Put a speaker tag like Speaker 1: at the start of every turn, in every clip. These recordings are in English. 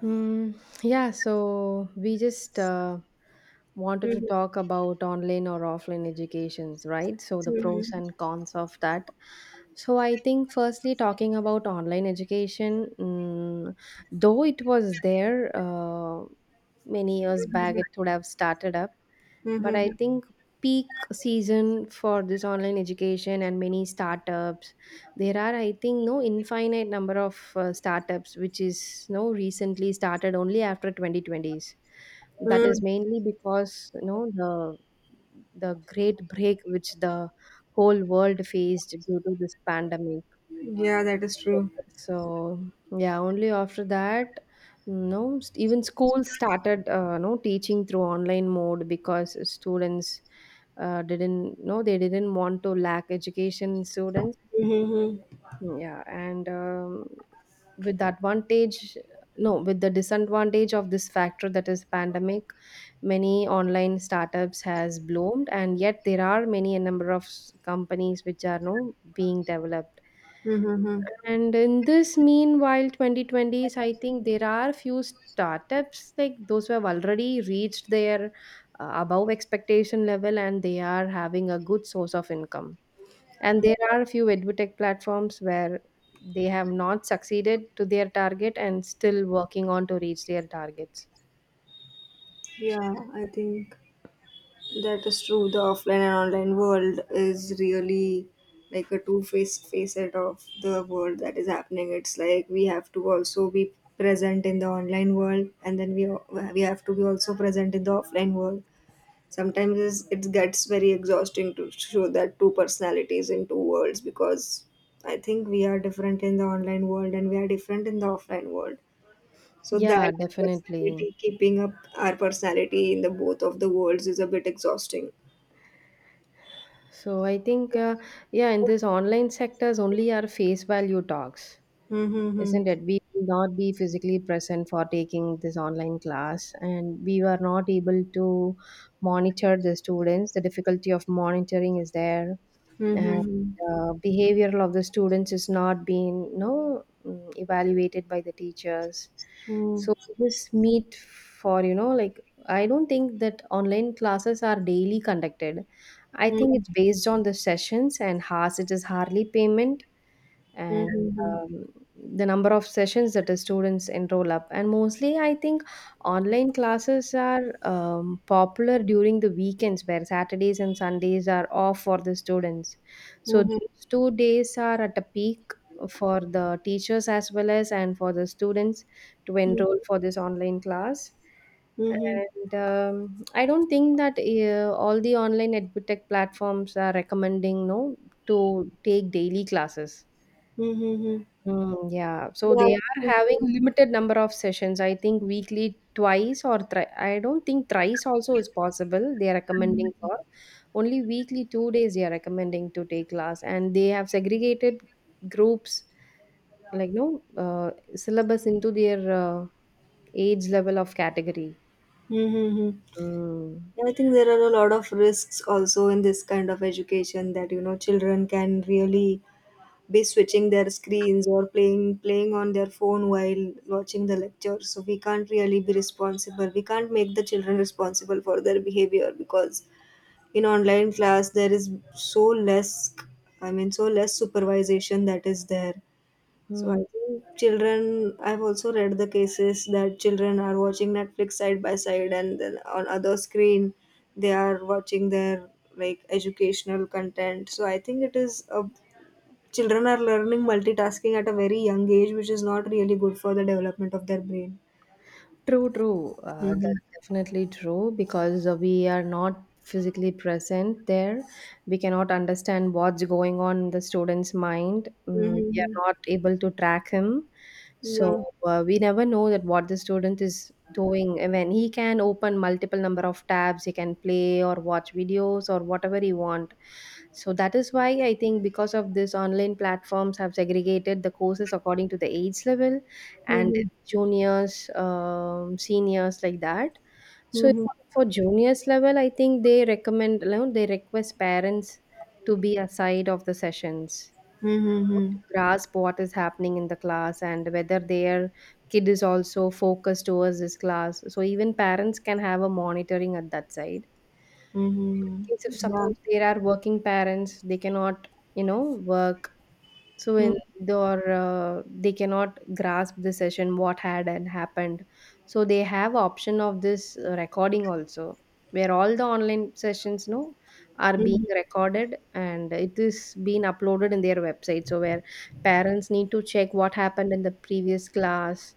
Speaker 1: Hmm. Yeah, so we just wanted to
Speaker 2: Mhm,
Speaker 1: talk about online or offline educations, right? So the pros
Speaker 2: mhm,
Speaker 1: and cons of that. So I think firstly talking about online education, though it was there many years back,
Speaker 2: mhm,
Speaker 1: it would have started up,
Speaker 2: mhm,
Speaker 1: but I
Speaker 2: mhm.
Speaker 1: think peak season for this online education and many startups, there are, I think, no infinite number of startups which is no recently started only after 2020s. That is
Speaker 2: Mm,
Speaker 1: mainly because the great break which the whole world faced due to this pandemic.
Speaker 2: Yeah, that is true.
Speaker 1: So yeah, only after that, no, even schools started no teaching through online mode because students didn't no they didn't want to lack education students.
Speaker 2: Mhm,
Speaker 1: Yeah, and with the advantage, no, with the disadvantage of this factor, that is pandemic, many online startups has bloomed, and yet there are many a number of companies which are no being developed.
Speaker 2: mhm, mhm,
Speaker 1: And in this meanwhile, 2020s, I think there are few startups like those who have already reached their above expectation level, and they are having a good source of income. And
Speaker 2: mhm.
Speaker 1: there are a few edutech platforms where they have not succeeded to their target and still working on to reach their targets.
Speaker 2: Yeah, I think that is true. The offline and online world is really like a two-faced facet of the world that is happening. It's like we have to also be present in the online world, and then we have to be also present in the offline world. Sometimes it gets very exhausting to show that two personalities in two worlds because I think we are different in the online world and we are different in the offline world, so
Speaker 1: Yeah,
Speaker 2: that
Speaker 1: definitely.
Speaker 2: personality, keeping up our personality in the both of the worlds, is a bit exhausting.
Speaker 1: So I think, yeah, in this online sectors only are face value talks,
Speaker 2: Mm-hmm.
Speaker 1: isn't it? We will not be physically present for taking this online class, and we were not able to monitor the students. The difficulty of monitoring is there, and
Speaker 2: Mm-hmm.
Speaker 1: behavioral of the students is not being, evaluated by the teachers.
Speaker 2: Mm-hmm.
Speaker 1: So we just meet for, you know, like, I don't think that online classes are daily conducted. I think it's based on the sessions and has it is hardly payment. And
Speaker 2: Mm-hmm.
Speaker 1: um, the number of sessions that the students enroll up, and mostly I think online classes are popular during the weekends where saturdays and sundays are off for the students, so
Speaker 2: Mm-hmm.
Speaker 1: those 2 days are at a peak for the teachers as well as and for the students to enroll for this online class.
Speaker 2: Mm-hmm.
Speaker 1: And I don't think that all the online edutech platforms are recommending no to take daily classes.
Speaker 2: Mm-hmm.
Speaker 1: Mm, yeah. So
Speaker 2: Yeah.
Speaker 1: they are having limited number of sessions. I think weekly twice or thri I don't think thrice also is possible. They are recommending for only weekly 2 days they are recommending to take class, and they have segregated groups like no syllabus into their age level of category.
Speaker 2: Mm-hmm.
Speaker 1: Mm.
Speaker 2: I think there are a lot of risks also in this kind of education that, children can really be switching their screens or playing on their phone while watching the lecture. So we can't really be responsible. We can't make the children responsible for their behavior because in online class there is so less, I mean, so less supervision that is there. So I
Speaker 1: Mm.
Speaker 2: think children, I've also read the cases that children are watching Netflix side by side, and then on other screen they are watching their like educational content. So I think it is a, children are learning multitasking at a very young age, which is not really good for the development of their brain.
Speaker 1: True, true.
Speaker 2: Mm-hmm.
Speaker 1: That's definitely true because we are not physically present there. We cannot understand what's going on in the student's mind. Mm, we
Speaker 2: Mm-hmm.
Speaker 1: are not able to track him. So
Speaker 2: Yeah.
Speaker 1: we never know that what the student is doing. I mean, he can open multiple number of tabs. He can play or watch videos or whatever he want. So that is why I think because of this online platforms have segregated the courses according to the age level, and
Speaker 2: Mm-hmm.
Speaker 1: juniors, seniors, like that. So
Speaker 2: Mm-hmm.
Speaker 1: for juniors level, I think they recommend, you know, they request parents to be aside of the sessions, you know,
Speaker 2: Mm-hmm.
Speaker 1: to grasp what is happening in the class and whether their kid is also focused towards this class. So even parents can have a monitoring at that side. So in
Speaker 2: Mm-hmm. Mm-hmm.
Speaker 1: case if
Speaker 2: Yeah.
Speaker 1: suppose there are working parents, they cannot, you know, work so in their they cannot grasp the session what had and happened. So they have option of this recording also, where all the online sessions no are
Speaker 2: Mm-hmm.
Speaker 1: being recorded and it is being uploaded in their website. So where parents need to check what happened in the previous class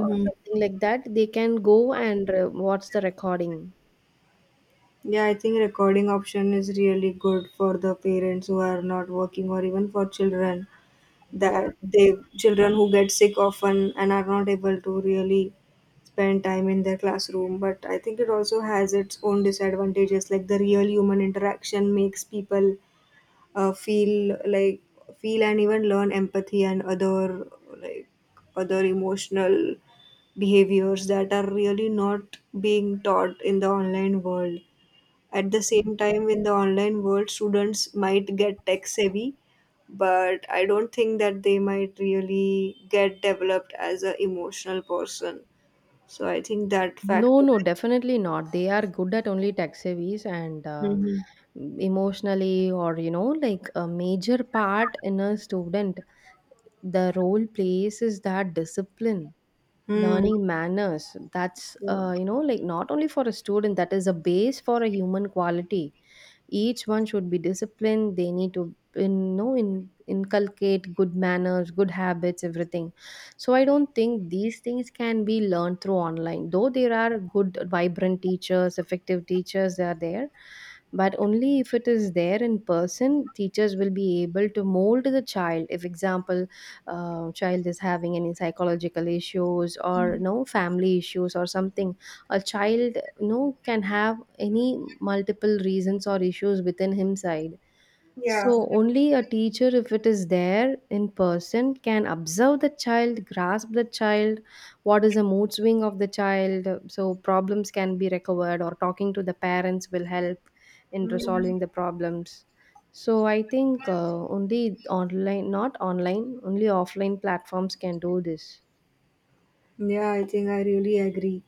Speaker 1: or something like that, they can go and watch the recording.
Speaker 2: Yeah, I think recording option is really good for the parents who are not working or even for children,
Speaker 1: Yeah,
Speaker 2: that they
Speaker 1: definitely.
Speaker 2: children who get sick often and are not able to really spend time in their classroom. But I think it also has its own disadvantages, like the real human interaction makes people feel like feel and even learn empathy and other like other emotional behaviors that are really not being taught in the online world. At the same time, in the online world, students might get tech savvy, but I don't think that they might really get developed as an emotional person. So I think that
Speaker 1: No,
Speaker 2: factor.
Speaker 1: no, definitely not. They are good at only tech savvies, and
Speaker 2: Mhm.
Speaker 1: emotionally, or you know, like a major part in a student, the role plays is that discipline,
Speaker 2: Hmm.
Speaker 1: learning manners. That's
Speaker 2: Yeah.
Speaker 1: you know, like not only for a student, that is a base for a human quality. Each one should be disciplined. They need to inculcate good manners, good habits, everything. So I don't think these things can be learned through online, though there are good vibrant teachers, effective teachers, they are there, but only if it is there in person teachers will be able to mold the child. If example, child is having any psychological issues or no family issues or something, a child, you know, can have any multiple reasons or issues within him side. So
Speaker 2: Yeah.
Speaker 1: only a teacher if it is there in person can observe the child, grasp the child, what is the mood swing of the child. So problems can be recovered, or talking to the parents will help in
Speaker 2: Mm.
Speaker 1: resolving the problems. So I think only online not online only offline platforms can do this.
Speaker 2: Yeah, I think I really agree.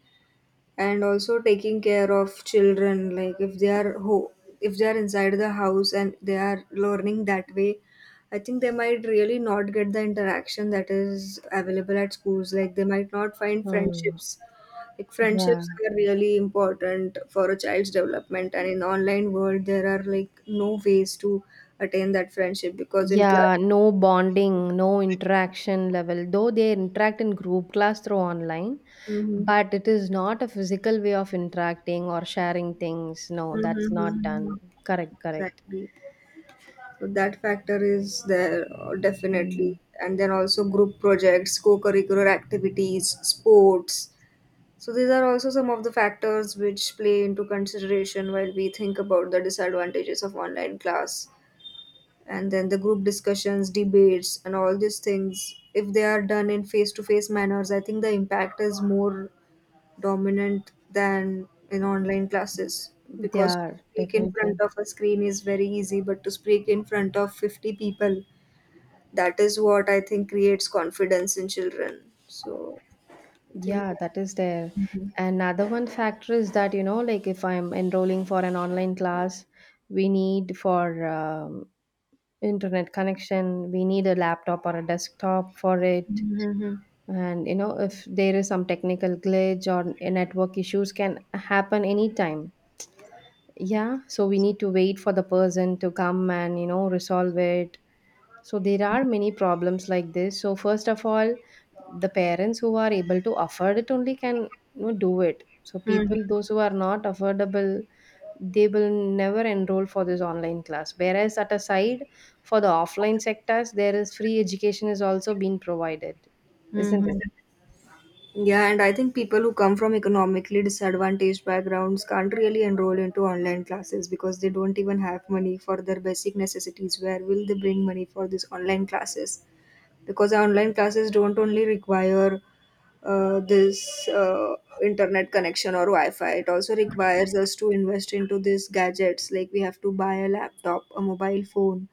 Speaker 2: And also taking care of children, like if they are if they are inside the house and they are learning that way, I think they might really not get the interaction that is available at schools. Like they might not find
Speaker 1: Hmm.
Speaker 2: friendships, like
Speaker 1: Yeah.
Speaker 2: friendships are really important for a child's development, and in online world there are like no ways to attain that friendship because in class.
Speaker 1: Yeah, no bonding, no interaction level, though they interact in group class through online,
Speaker 2: Mhm.
Speaker 1: but it is not a physical way of interacting or sharing things. No, that's
Speaker 2: Mhm,
Speaker 1: not
Speaker 2: mhm, mhm.
Speaker 1: done. Correct, correct.
Speaker 2: Exactly. So that factor is there,
Speaker 1: Mm.
Speaker 2: definitely. And then also group projects, co-curricular activities, sports. So these are also some of the factors which play into consideration while we think about the disadvantages of online class. And then the group discussions, debates, and all these things, if they are done in face-to-face manners, I think the impact is more dominant than in online classes,
Speaker 1: They
Speaker 2: because to
Speaker 1: are
Speaker 2: speak in front
Speaker 1: definitely.
Speaker 2: of a screen is very easy, but to speak in front of 50 people, that is what I think creates confidence in children. So I think.
Speaker 1: Yeah, that is there.
Speaker 2: Mhm.
Speaker 1: Another one factor is that, you know, like if I'm enrolling for an online class, we need for internet connection, we need a laptop or a desktop for it.
Speaker 2: Mhm.
Speaker 1: And you know if there is some technical glitch or network issues can happen anytime, yeah, so we need to wait for the person to come and, you know, resolve it. So there are many problems like this. So first of all, the parents who are able to afford it only can, you know, do it. So people those who are not affordable, they will never enroll for this online class, whereas at a side for the offline sectors, there is free education is also being provided, isn't it?
Speaker 2: Mhm. Yeah, and I think people who come from economically disadvantaged backgrounds can't really enroll into online classes because they don't even have money for their basic necessities. Where will they bring money for these online classes? Because online classes don't only require this internet connection or wi-fi, it also requires us to invest into these gadgets. Like we have to buy a laptop, a mobile phone,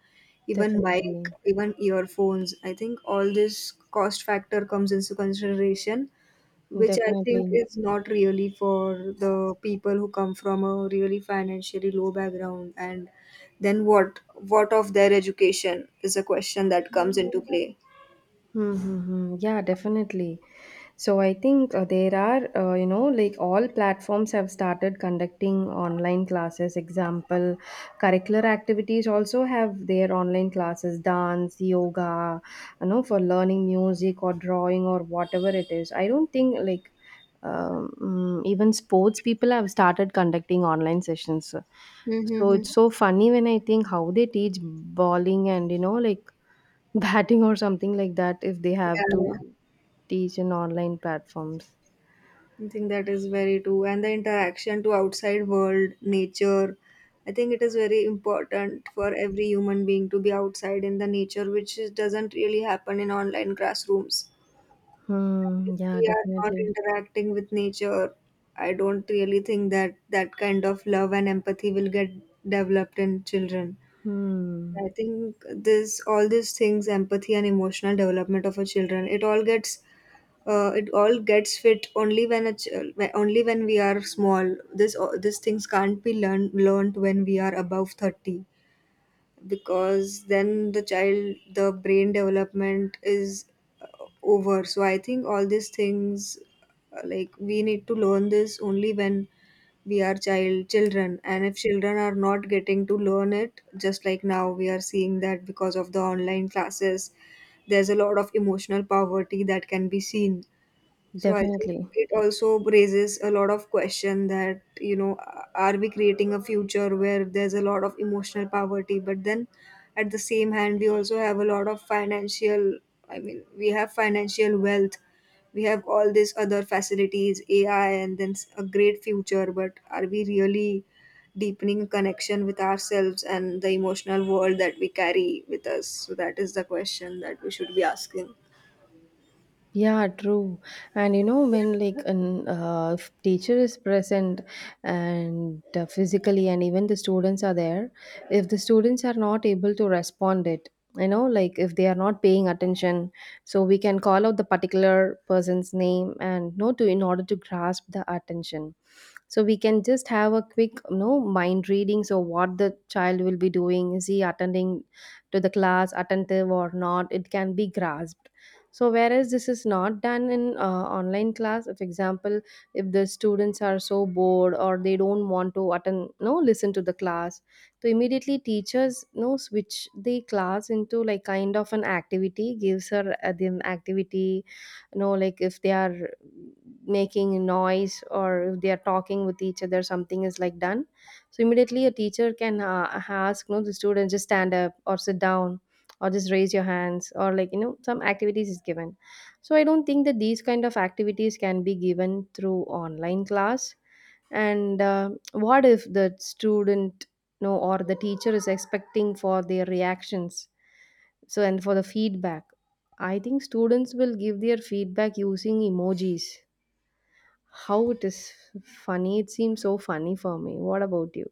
Speaker 2: even mic,
Speaker 1: Definitely,
Speaker 2: even earphones. I think all this cost factor comes into consideration, which I think
Speaker 1: definitely.
Speaker 2: is not really for the people who come from a really financially low background. And then what of their education is a question that comes into play.
Speaker 1: Mm-hmm. Yeah, definitely. So I think there are, you know, like all platforms have started conducting online classes. Example, curricular activities also have their online classes: dance, yoga, you know, for learning music or drawing or whatever it is. I don't think like even sports people have started conducting online sessions. So
Speaker 2: Mm-hmm.
Speaker 1: it's so funny when I think how they teach bowling and, you know, like batting or something like that if they
Speaker 2: Yeah,
Speaker 1: have to
Speaker 2: yeah.
Speaker 1: teach in online platforms.
Speaker 2: I think that is very true. And the interaction to outside world, nature, I think it is very important for every human being to be outside in the nature, which is, doesn't really happen in online classrooms.
Speaker 1: Hmm.
Speaker 2: If
Speaker 1: Yeah,
Speaker 2: we are not
Speaker 1: definitely.
Speaker 2: interacting with nature, I don't really think that that kind of love and empathy will get developed in children.
Speaker 1: Hmm.
Speaker 2: I think this, all these things, empathy and emotional development of our children, it all gets fit only when only when we are small. This these things can't be learned when we are above 30, because then the child the brain development is uh, over. So I think all these things, like we need to learn this only when we are children, and if children are not getting to learn it, just like now we are seeing that because of the online classes there's a lot of emotional poverty that can be seen. So I think
Speaker 1: Definitely.
Speaker 2: it also raises a lot of question that, you know, are we creating a future where there's a lot of emotional poverty, but then at the same hand, we also have a lot of financial, I mean, we have financial wealth. We have all these other facilities, AI, and then a great future, but are we really deepening connection with ourselves and the emotional world that we carry with us? So that is the question that we should be asking.
Speaker 1: Yeah, true. And you know, when like an if teacher is present and physically, and even the students are there, if the students are not able to respond it, you know, like if they are not paying attention, so we can call out the particular person's name and no to in order to grasp the attention. So we can just have a quick, you know, mind reading. So what the child will be doing, is he attending to the class, attentive or not? It can be grasped. So whereas this is not done in online class. If example, if the students are so bored or they don't want to attend no listen to the class, so immediately teachers no switch the class into like kind of an activity, gives her the activity, you know, like if they are making noise or if they are talking with each other, something is like done. So immediately a teacher can ask no the student just stand up or sit down or just raise your hands or, like, you know, some activities is given. So I don't think that these kind of activities can be given through online class. And what if the student no, or the teacher is expecting for their reactions, so and for the feedback, I think students will give their feedback using emojis. How it is funny, it seems so funny for me. What about you,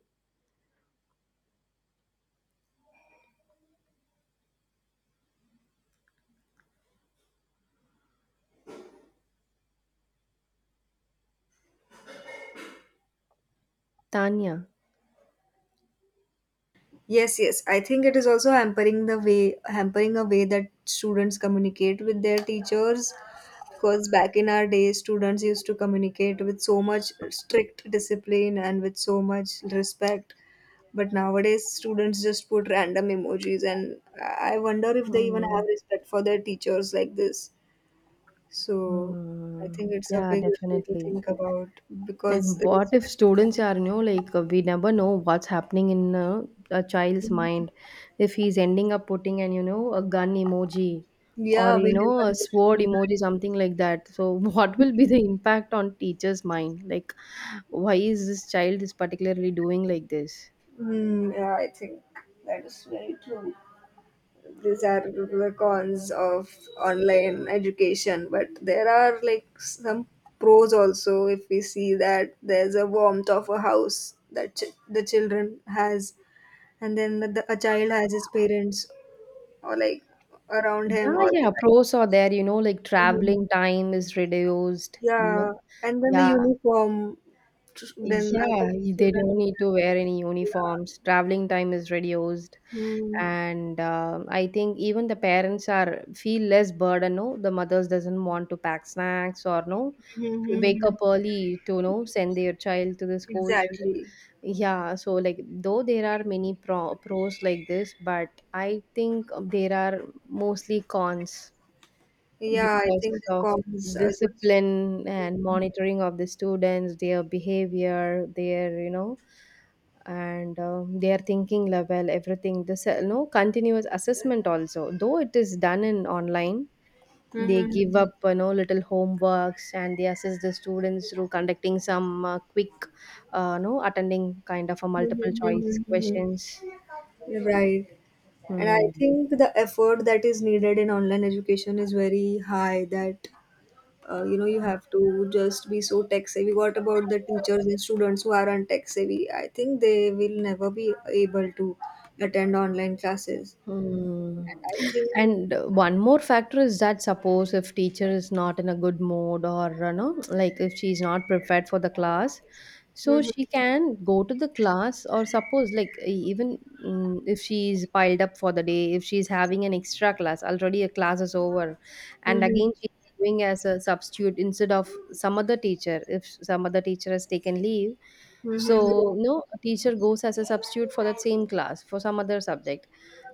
Speaker 1: tanya?
Speaker 2: Yes, yes. I think it is also hampering the way, hampering a way that students communicate with their teachers, because back in our day students used to communicate with so much strict discipline and with so much respect. But nowadays students just put random emojis, and I wonder if they even
Speaker 1: Hmm.
Speaker 2: have respect for their teachers like this. So I think
Speaker 1: Hmm.
Speaker 2: it's a
Speaker 1: Yeah,
Speaker 2: big issue to
Speaker 1: definitely.
Speaker 2: think about because
Speaker 1: And what if
Speaker 2: respect,
Speaker 1: students are new? Like, we never know what's happening in a child's mind. If he's ending up putting an, you know, a gun emoji or,
Speaker 2: yeah, we
Speaker 1: you know, a sword
Speaker 2: never.
Speaker 1: emoji, something like that. So, what will be the impact on teacher's mind? Like, why is this child is particularly doing like this?
Speaker 2: Yeah, I think that is very true. These are the cons of online education, but there are like some pros also. If we see that there's a warmth of a house that the children has, and then the, a child has his parents or like around
Speaker 1: Yeah,
Speaker 2: him all the
Speaker 1: yeah.
Speaker 2: time.
Speaker 1: Pros are there, you know, like
Speaker 2: Mhm.
Speaker 1: traveling time is reduced, you know.
Speaker 2: Yeah, and then the
Speaker 1: Yeah.
Speaker 2: uniform. tr- Then I
Speaker 1: Yeah,
Speaker 2: think
Speaker 1: they
Speaker 2: children
Speaker 1: don't
Speaker 2: don't
Speaker 1: need to
Speaker 2: have to.
Speaker 1: wear any
Speaker 2: Yeah.
Speaker 1: uniforms. Traveling time is reduced,
Speaker 2: Mm-hmm.
Speaker 1: and I think even the parents are feel less burden. No, the mothers doesn't want to pack snacks or no wake up early to no send their child to the schools.
Speaker 2: Exactly.
Speaker 1: Yeah, so like though there are many pros like this, but I think there are mostly cons
Speaker 2: Yeah, I
Speaker 1: because
Speaker 2: think the
Speaker 1: of
Speaker 2: cons are just.
Speaker 1: discipline and monitoring of the students, their behavior, their. And Their thinking level, everything, this no, continuous assessment also, though it is done in online. They give
Speaker 2: Mm-hmm.
Speaker 1: up, you know, little homeworks, and they assess the students through conducting some quick, no, attending kind of a multiple choice
Speaker 2: Mm-hmm.
Speaker 1: questions.
Speaker 2: Right. And I
Speaker 1: Hmm.
Speaker 2: think the effort that is needed in online education is very high, that you know, you have to just be so tech savvy. What about the teachers and students who aren't tech savvy? I think they will never be able to attend online classes.
Speaker 1: Hmm.
Speaker 2: And I think.
Speaker 1: And one more factor is that suppose if teacher is not in a good mood, or you know, like if she's not prepared for the class, so
Speaker 2: Mm-hmm.
Speaker 1: she can go to the class, or suppose like even if she's piled up for the day, if she's having an extra class, already a class is over, and again she's doing as a substitute instead of some other teacher, if some other teacher has taken leave.
Speaker 2: Mm-hmm. Mm-hmm.
Speaker 1: So, no, a teacher goes as a substitute for that same class for some other subject.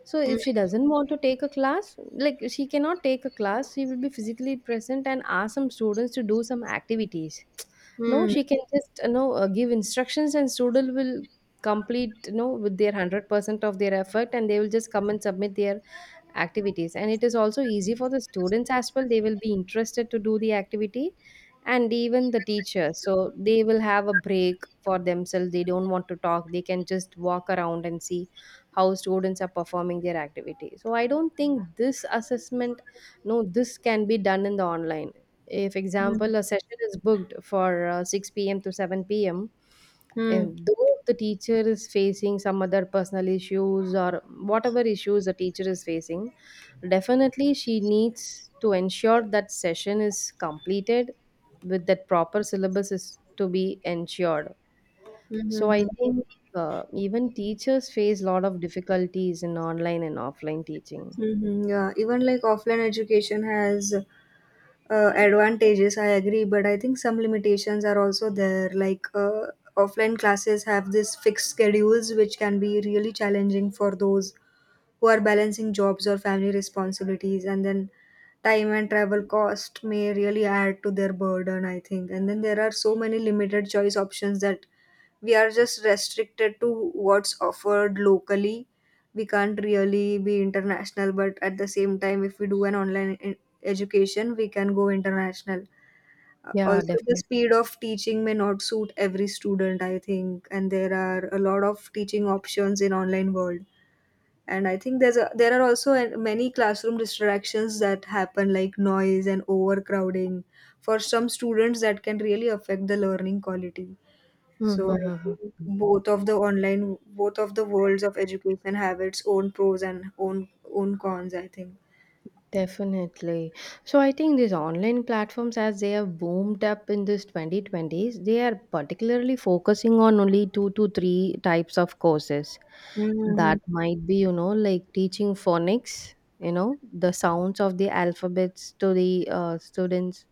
Speaker 1: So, if she doesn't want to take a class, like she cannot take a class, she will be physically present and ask some students to do some activities. No,
Speaker 2: Mm-hmm.
Speaker 1: she can just, you know, give instructions, and student will complete, you know, with their 100% of their effort, and they will just come and submit their activities. And it is also easy for the students as well. They will be interested to do the activity, and even the teacher, so they will have a break for themselves. They don't want to talk, they can just walk around and see how students are performing their activity. So I don't think this assessment, no, this can be done in the online. If example a session is booked for 6 p.m to 7 p.m, if
Speaker 2: Mm-hmm.
Speaker 1: though the teacher is facing some other personal issues or whatever issues the teacher is facing, definitely she needs to ensure that session is completed, with that proper syllabus is to be ensured. So I
Speaker 2: Mm-hmm.
Speaker 1: think even teachers face a lot of difficulties in online and offline teaching.
Speaker 2: Mm-hmm, yeah, even like offline education has advantages, I agree, but I think some limitations are also there. Like offline classes have this fixed schedules, which can be really challenging for those who are balancing jobs or family responsibilities, and then time and travel cost may really add to their burden, I think. And then there are so many limited choice options, that we are just restricted to what's offered locally. We can't really be international, but at the same time, if we do an online education, we can go international.
Speaker 1: Yeah,
Speaker 2: Also, the
Speaker 1: definitely.
Speaker 2: speed of teaching may not suit every student, I think, and there are a lot of teaching options in online world. And I think there's a, there are also many classroom distractions that happen, like noise and overcrowding. For some students that can really affect the learning quality. So I
Speaker 1: Mm-hmm.
Speaker 2: think both of the online, both of the worlds of education have its own pros and own cons, I think.
Speaker 1: Definitely. So I think these online platforms, as they have boomed up in this 2020s, they are particularly focusing on only two to three types of courses.
Speaker 2: Mm-hmm.
Speaker 1: That might be, you know, like teaching phonics, you know, the sounds of the alphabets to the students,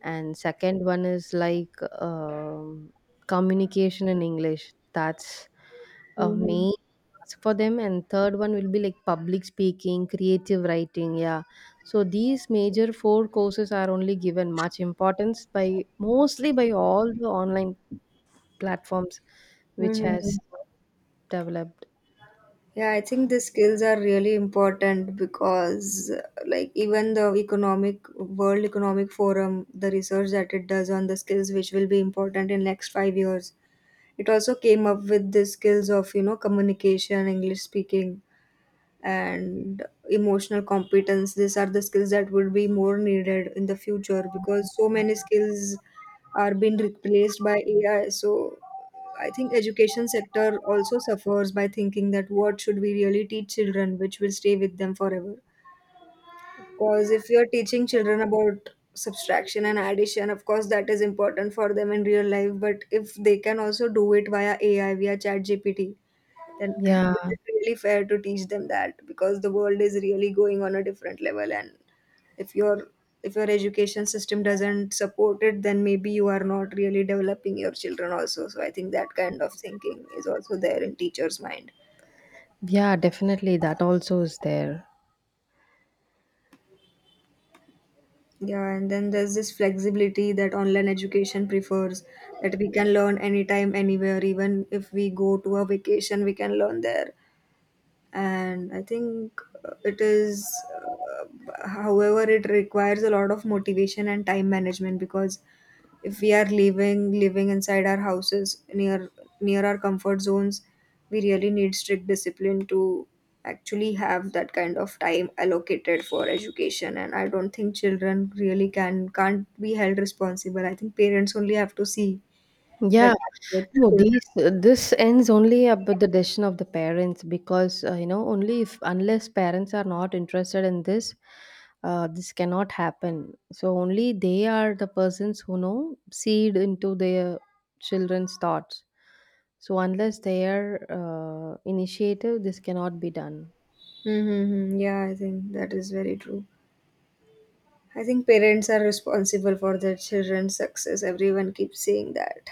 Speaker 1: and second one is like communication in English. That's a
Speaker 2: Mm-hmm.
Speaker 1: main ask for them, and third one will be like public speaking, creative writing. Yeah, so these major four courses are only given much importance by mostly by all the online platforms which
Speaker 2: Mm-hmm.
Speaker 1: has developed.
Speaker 2: Yeah, I think the skills are really important because, like, even the economic World Economic Forum, the research that it does on the skills which will be important in next 5 years, it also came up with the skills of, communication, English speaking, and emotional competence. These are the skills that would be more needed in the future because so many skills are being replaced by AI. So I think education sector also suffers by thinking that what should we really teach children which will stay with them forever, because if you're teaching children about subtraction and addition, of course that is important for them in real life, but if they can also do it via AI, via ChatGPT, then
Speaker 1: Yeah,
Speaker 2: is it really fair to teach them that, because the world is really going on a different level. And if your if your education system doesn't support it, then maybe you are not really developing your children also. So I think that kind of thinking is also there in teachers mind.
Speaker 1: yeah, definitely that also is there.
Speaker 2: Yeah, and then there's this flexibility that online education prefers, that we can learn anytime anywhere, even if we go to a vacation we can learn there. And I think it is uh, however it requires a lot of motivation and time management, because if we are living inside our houses near our comfort zones, we really need strict discipline to actually have that kind of time allocated for education. And I don't think children really can't be held responsible. I think parents only have to see that
Speaker 1: Yeah,
Speaker 2: with
Speaker 1: no,
Speaker 2: children.
Speaker 1: these this ends only up with the decision of the parents, because you know, only if, unless parents are not interested in this, this cannot happen. So only they are the persons who know seed into their children's thoughts. So unless they are initiative, this cannot be done.
Speaker 2: Mm-hmm. Yeah, I think that is very true. I think parents are responsible for their children's success. Everyone keeps saying that.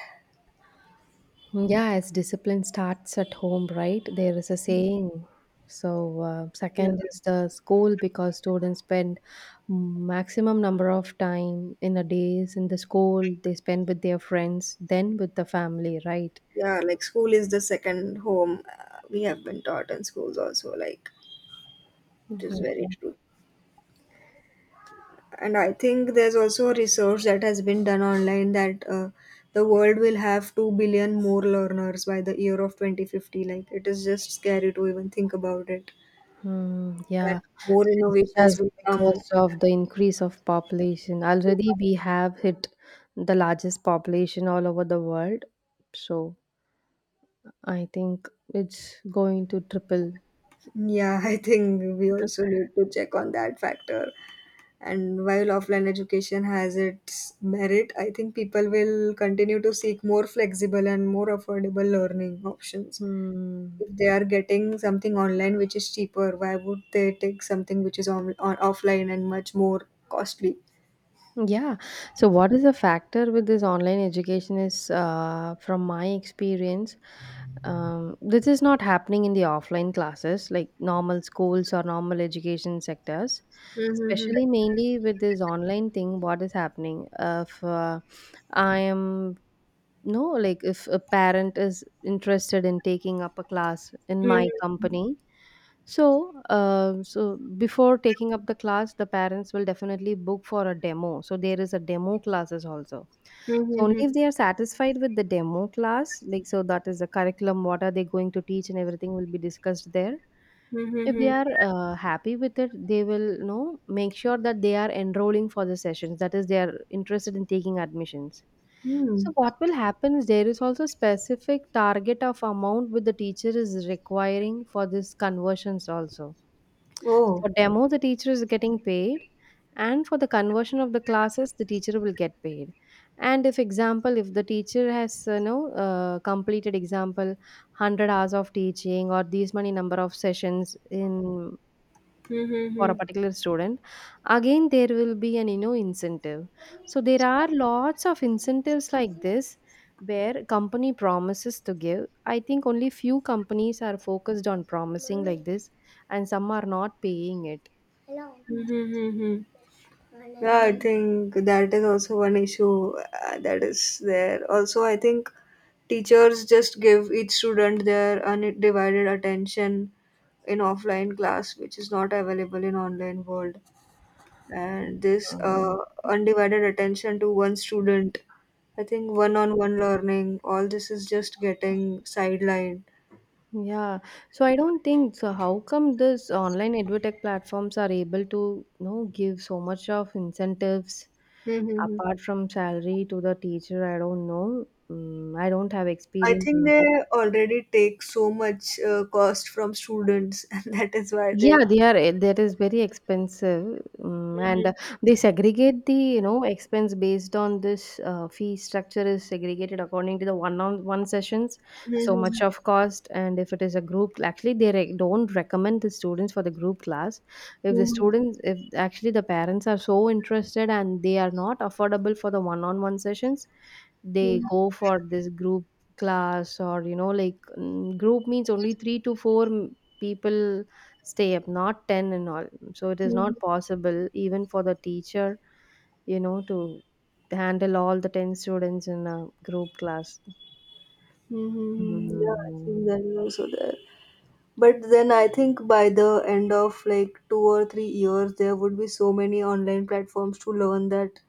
Speaker 1: Yes, discipline starts at home, right? There is a saying. So,
Speaker 2: Yeah,
Speaker 1: second is the school, because students spend maximum number of time in a days in the school. They spend with their friends, then with the family, right?
Speaker 2: yeah. Like school is the second home. We have been taught in schools also. Like it is
Speaker 1: Mhm.
Speaker 2: very true. And I think there's also a research that has been done online that the world will have 2 billion more learners by the year of 2050. Like it is just scary to even think about it.
Speaker 1: Hmm,
Speaker 2: That
Speaker 1: yeah,
Speaker 2: more
Speaker 1: it's
Speaker 2: innovations
Speaker 1: just
Speaker 2: will come.
Speaker 1: because of the increase of population. Already we have hit the largest population all over the world. So, I think it's going to triple.
Speaker 2: Yeah, I think we also need to check on that factor, and while offline education has its merit, I think people will continue to seek more flexible and more affordable learning options.
Speaker 1: Hmm.
Speaker 2: If they are getting something online which is cheaper, why would they take something which is on offline and much more costly?
Speaker 1: Yeah. So, what is the factor with this online education is, from my experience, this is not happening in the offline classes, like normal schools or normal education sectors.
Speaker 2: Mm-hmm.
Speaker 1: Especially mainly with this online thing, what is happening? If I am, no, like if a parent is interested in taking up a class in my
Speaker 2: Mm-hmm.
Speaker 1: company, so, so before taking up the class, the parents will definitely book for a demo. So there is a demo classes also. So only
Speaker 2: Mm-hmm.
Speaker 1: if they are satisfied with the demo class, like so that is the curriculum, what are they going to teach, and everything will be discussed there. If they
Speaker 2: Mm-hmm.
Speaker 1: are happy with it, they will, you know, make sure that they are enrolling for the sessions. That is, they are interested in taking admissions. So
Speaker 2: Hmm.
Speaker 1: what will happen is there is also specific target of amount with the teacher is requiring for this conversions also.
Speaker 2: Oh.
Speaker 1: For demo, the teacher is getting paid, and for the conversion of the classes, the teacher will get paid. And if example, if the teacher has, you know, completed example 100 hours of teaching or these many number of sessions in for a particular student, again there will be an, you know, incentive. So there are lots of incentives like this where company promises to give. I think only few companies are focused on promising like this, and some are not paying it.
Speaker 2: Mm-hmm. Yeah, I think that is also one issue that is there. Also, I think teachers just give each student their undivided attention in offline class, which is not available in online world. And this
Speaker 1: Um,
Speaker 2: undivided attention to one student, I think one-on-one learning, all this is just getting sidelined.
Speaker 1: yeah, so I don't think so. How come this online edutech platforms are able to, you know, give so much of incentives
Speaker 2: Mm-hmm.
Speaker 1: apart from salary to the teacher? I don't know. I don't have
Speaker 2: I
Speaker 1: experience
Speaker 2: think
Speaker 1: in
Speaker 2: they
Speaker 1: that.
Speaker 2: already take so much cost from students, and that is why they.
Speaker 1: Yeah, they are eh, that is very expensive, mm, and
Speaker 2: Mhm.
Speaker 1: they segregate the, you know, expense based on this fee structure is segregated according to the one on one sessions, so much
Speaker 2: Mhm.
Speaker 1: of cost, and if it is a group, actually they don't recommend the students for the group class. If the
Speaker 2: Mhm,
Speaker 1: students, if actually the parents are so interested and they are not affordable for the one on one sessions, they
Speaker 2: mhm,
Speaker 1: go for this group class, or you know like, group means only 3 to 4 people stay up, not 10 and all, so it is
Speaker 2: mhm,
Speaker 1: not possible even for the teacher, you know, to handle all the 10 students in a group class.
Speaker 2: mhm. Yeah, I think
Speaker 1: Mhm.
Speaker 2: that is also there. But then I think by the end of like 2 or 3 years, there would be so many online platforms to learn that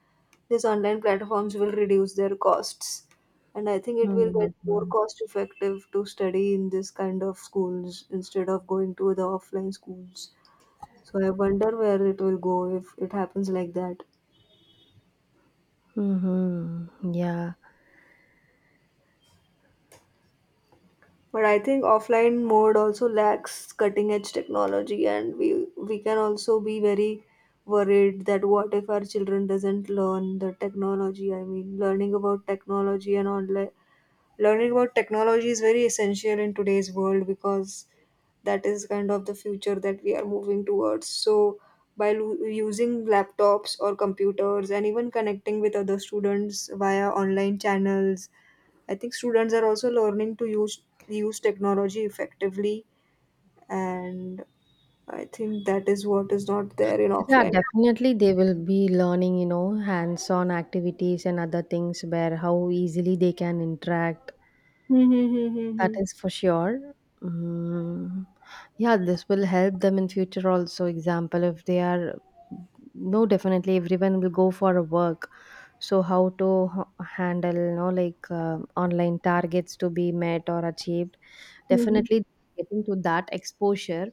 Speaker 2: these online platforms will reduce their costs. And I think it will get more
Speaker 1: Mhm.
Speaker 2: cost effective to study in this kind of schools instead of going to the offline schools. So I wonder where it will go if it happens like that.
Speaker 1: Mm-hmm. Yeah.
Speaker 2: But I think offline mode also lacks cutting edge technology, and we can also be very worried that what if our children doesn't learn the technology? I mean, learning about technology and online learning about technology is very essential in today's world, because that is kind of the future that we are moving towards. So by using laptops or computers, and even connecting with other students via online channels, I think students are also learning to use technology effectively. And I think that is what is not there in
Speaker 1: Yeah,
Speaker 2: offline.
Speaker 1: definitely they will be learning, you know, hands-on activities and other things where how easily they can interact.
Speaker 2: Hmm, hmm, hmm,
Speaker 1: That
Speaker 2: hmm,
Speaker 1: is for sure. Mm, yeah, this will help them in future also. Example, if they are, no, definitely everyone will go for a work. So how to handle, you know, like online targets to be met or achieved.
Speaker 2: hmm,
Speaker 1: Definitely getting to that exposure.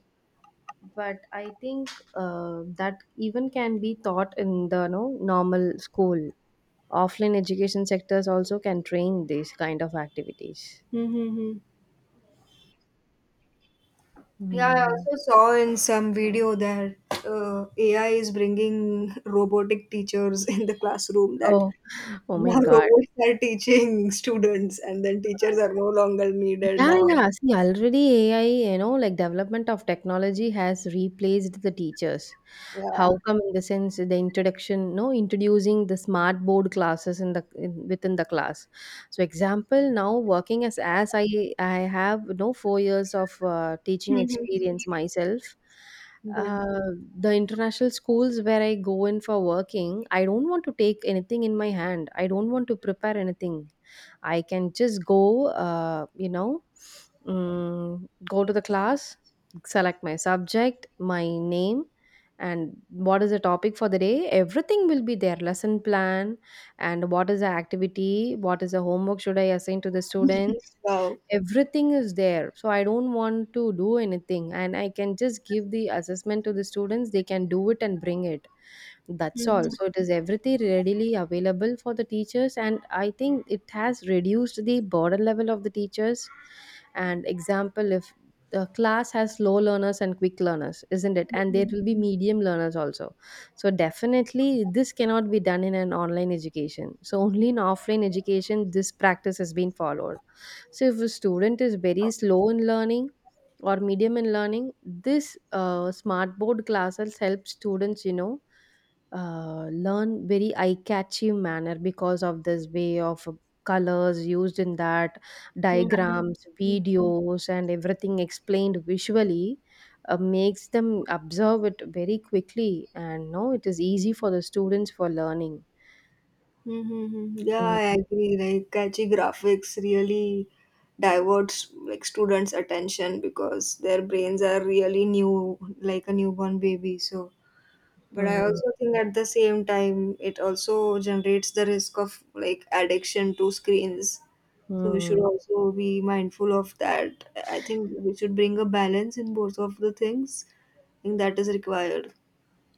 Speaker 1: But I think that even can be taught in the no normal school. Offline education sectors also can train these kind of activities.
Speaker 2: hmm, hmm. Yeah, I
Speaker 1: Hmm.
Speaker 2: also saw in some video that AI is bringing robotic teachers in the classroom, that
Speaker 1: Oh, oh my
Speaker 2: now
Speaker 1: God.
Speaker 2: robots are teaching students and then teachers are no longer needed
Speaker 1: Yeah,
Speaker 2: now.
Speaker 1: yeah. See, already AI, you know, like development of technology has replaced the teachers.
Speaker 2: Yeah.
Speaker 1: How come in the sense the introduction, no, introducing the smart board classes in the in, within the class. So example, now working as as I have no 4 years of teaching
Speaker 2: Mhm.
Speaker 1: experience myself.
Speaker 2: Yeah.
Speaker 1: Uh, the international schools where I go in for working, I don't want to take anything in my hand. I don't want to prepare anything. I can just go, you know, go to the class, select my subject, my name, and what is the topic for the day. Everything will be there, lesson plan, and what is the activity, what is the homework should I assign to the students.
Speaker 2: Wow.
Speaker 1: Everything is there. So I don't want to do anything, and I can just give the assessment to the students. They can do it and bring it, that's all.
Speaker 2: Mhm.
Speaker 1: So it is everything readily available for the teachers, and I think it has reduced the burden level of the teachers. And example, if the class has slow learners and quick learners, isn't it? And there will be medium learners also. So definitely, this cannot be done in an online education. So only in offline education, this practice has been followed. So if a student is very slow in learning, or medium in learning, this smart board classes help students, you know, learn very eye-catchy manner, because of this way of colors used in that,
Speaker 2: Mhm.
Speaker 1: diagrams, videos, and everything explained visually, makes them observe it very quickly, and no, it is easy for the students for learning.
Speaker 2: Mm-hmm. Yeah,
Speaker 1: Mm,
Speaker 2: I agree. Like catchy graphics really diverts like students' attention because their brains are really new, like a newborn baby. So but I
Speaker 1: mm,
Speaker 2: also think at the same time, it also generates the risk of like addiction to screens. So we should
Speaker 1: mm.
Speaker 2: also be mindful of that. I think we should bring a balance in both of the things. I think that is required.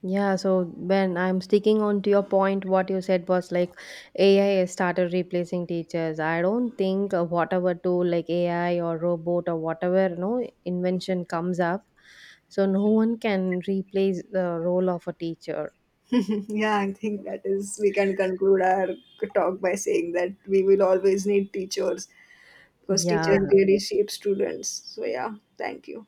Speaker 1: Yeah, so when I'm sticking on to your point, what you said was like AI has started replacing teachers. I don't think whatever tool like AI or robot or whatever, no, invention comes up, so no one can replace the role of a teacher.
Speaker 2: Yeah, I think that is, we can conclude our talk by saying that we will always need teachers, because teachers
Speaker 1: Yeah,
Speaker 2: really shape students. So, yeah, thank you.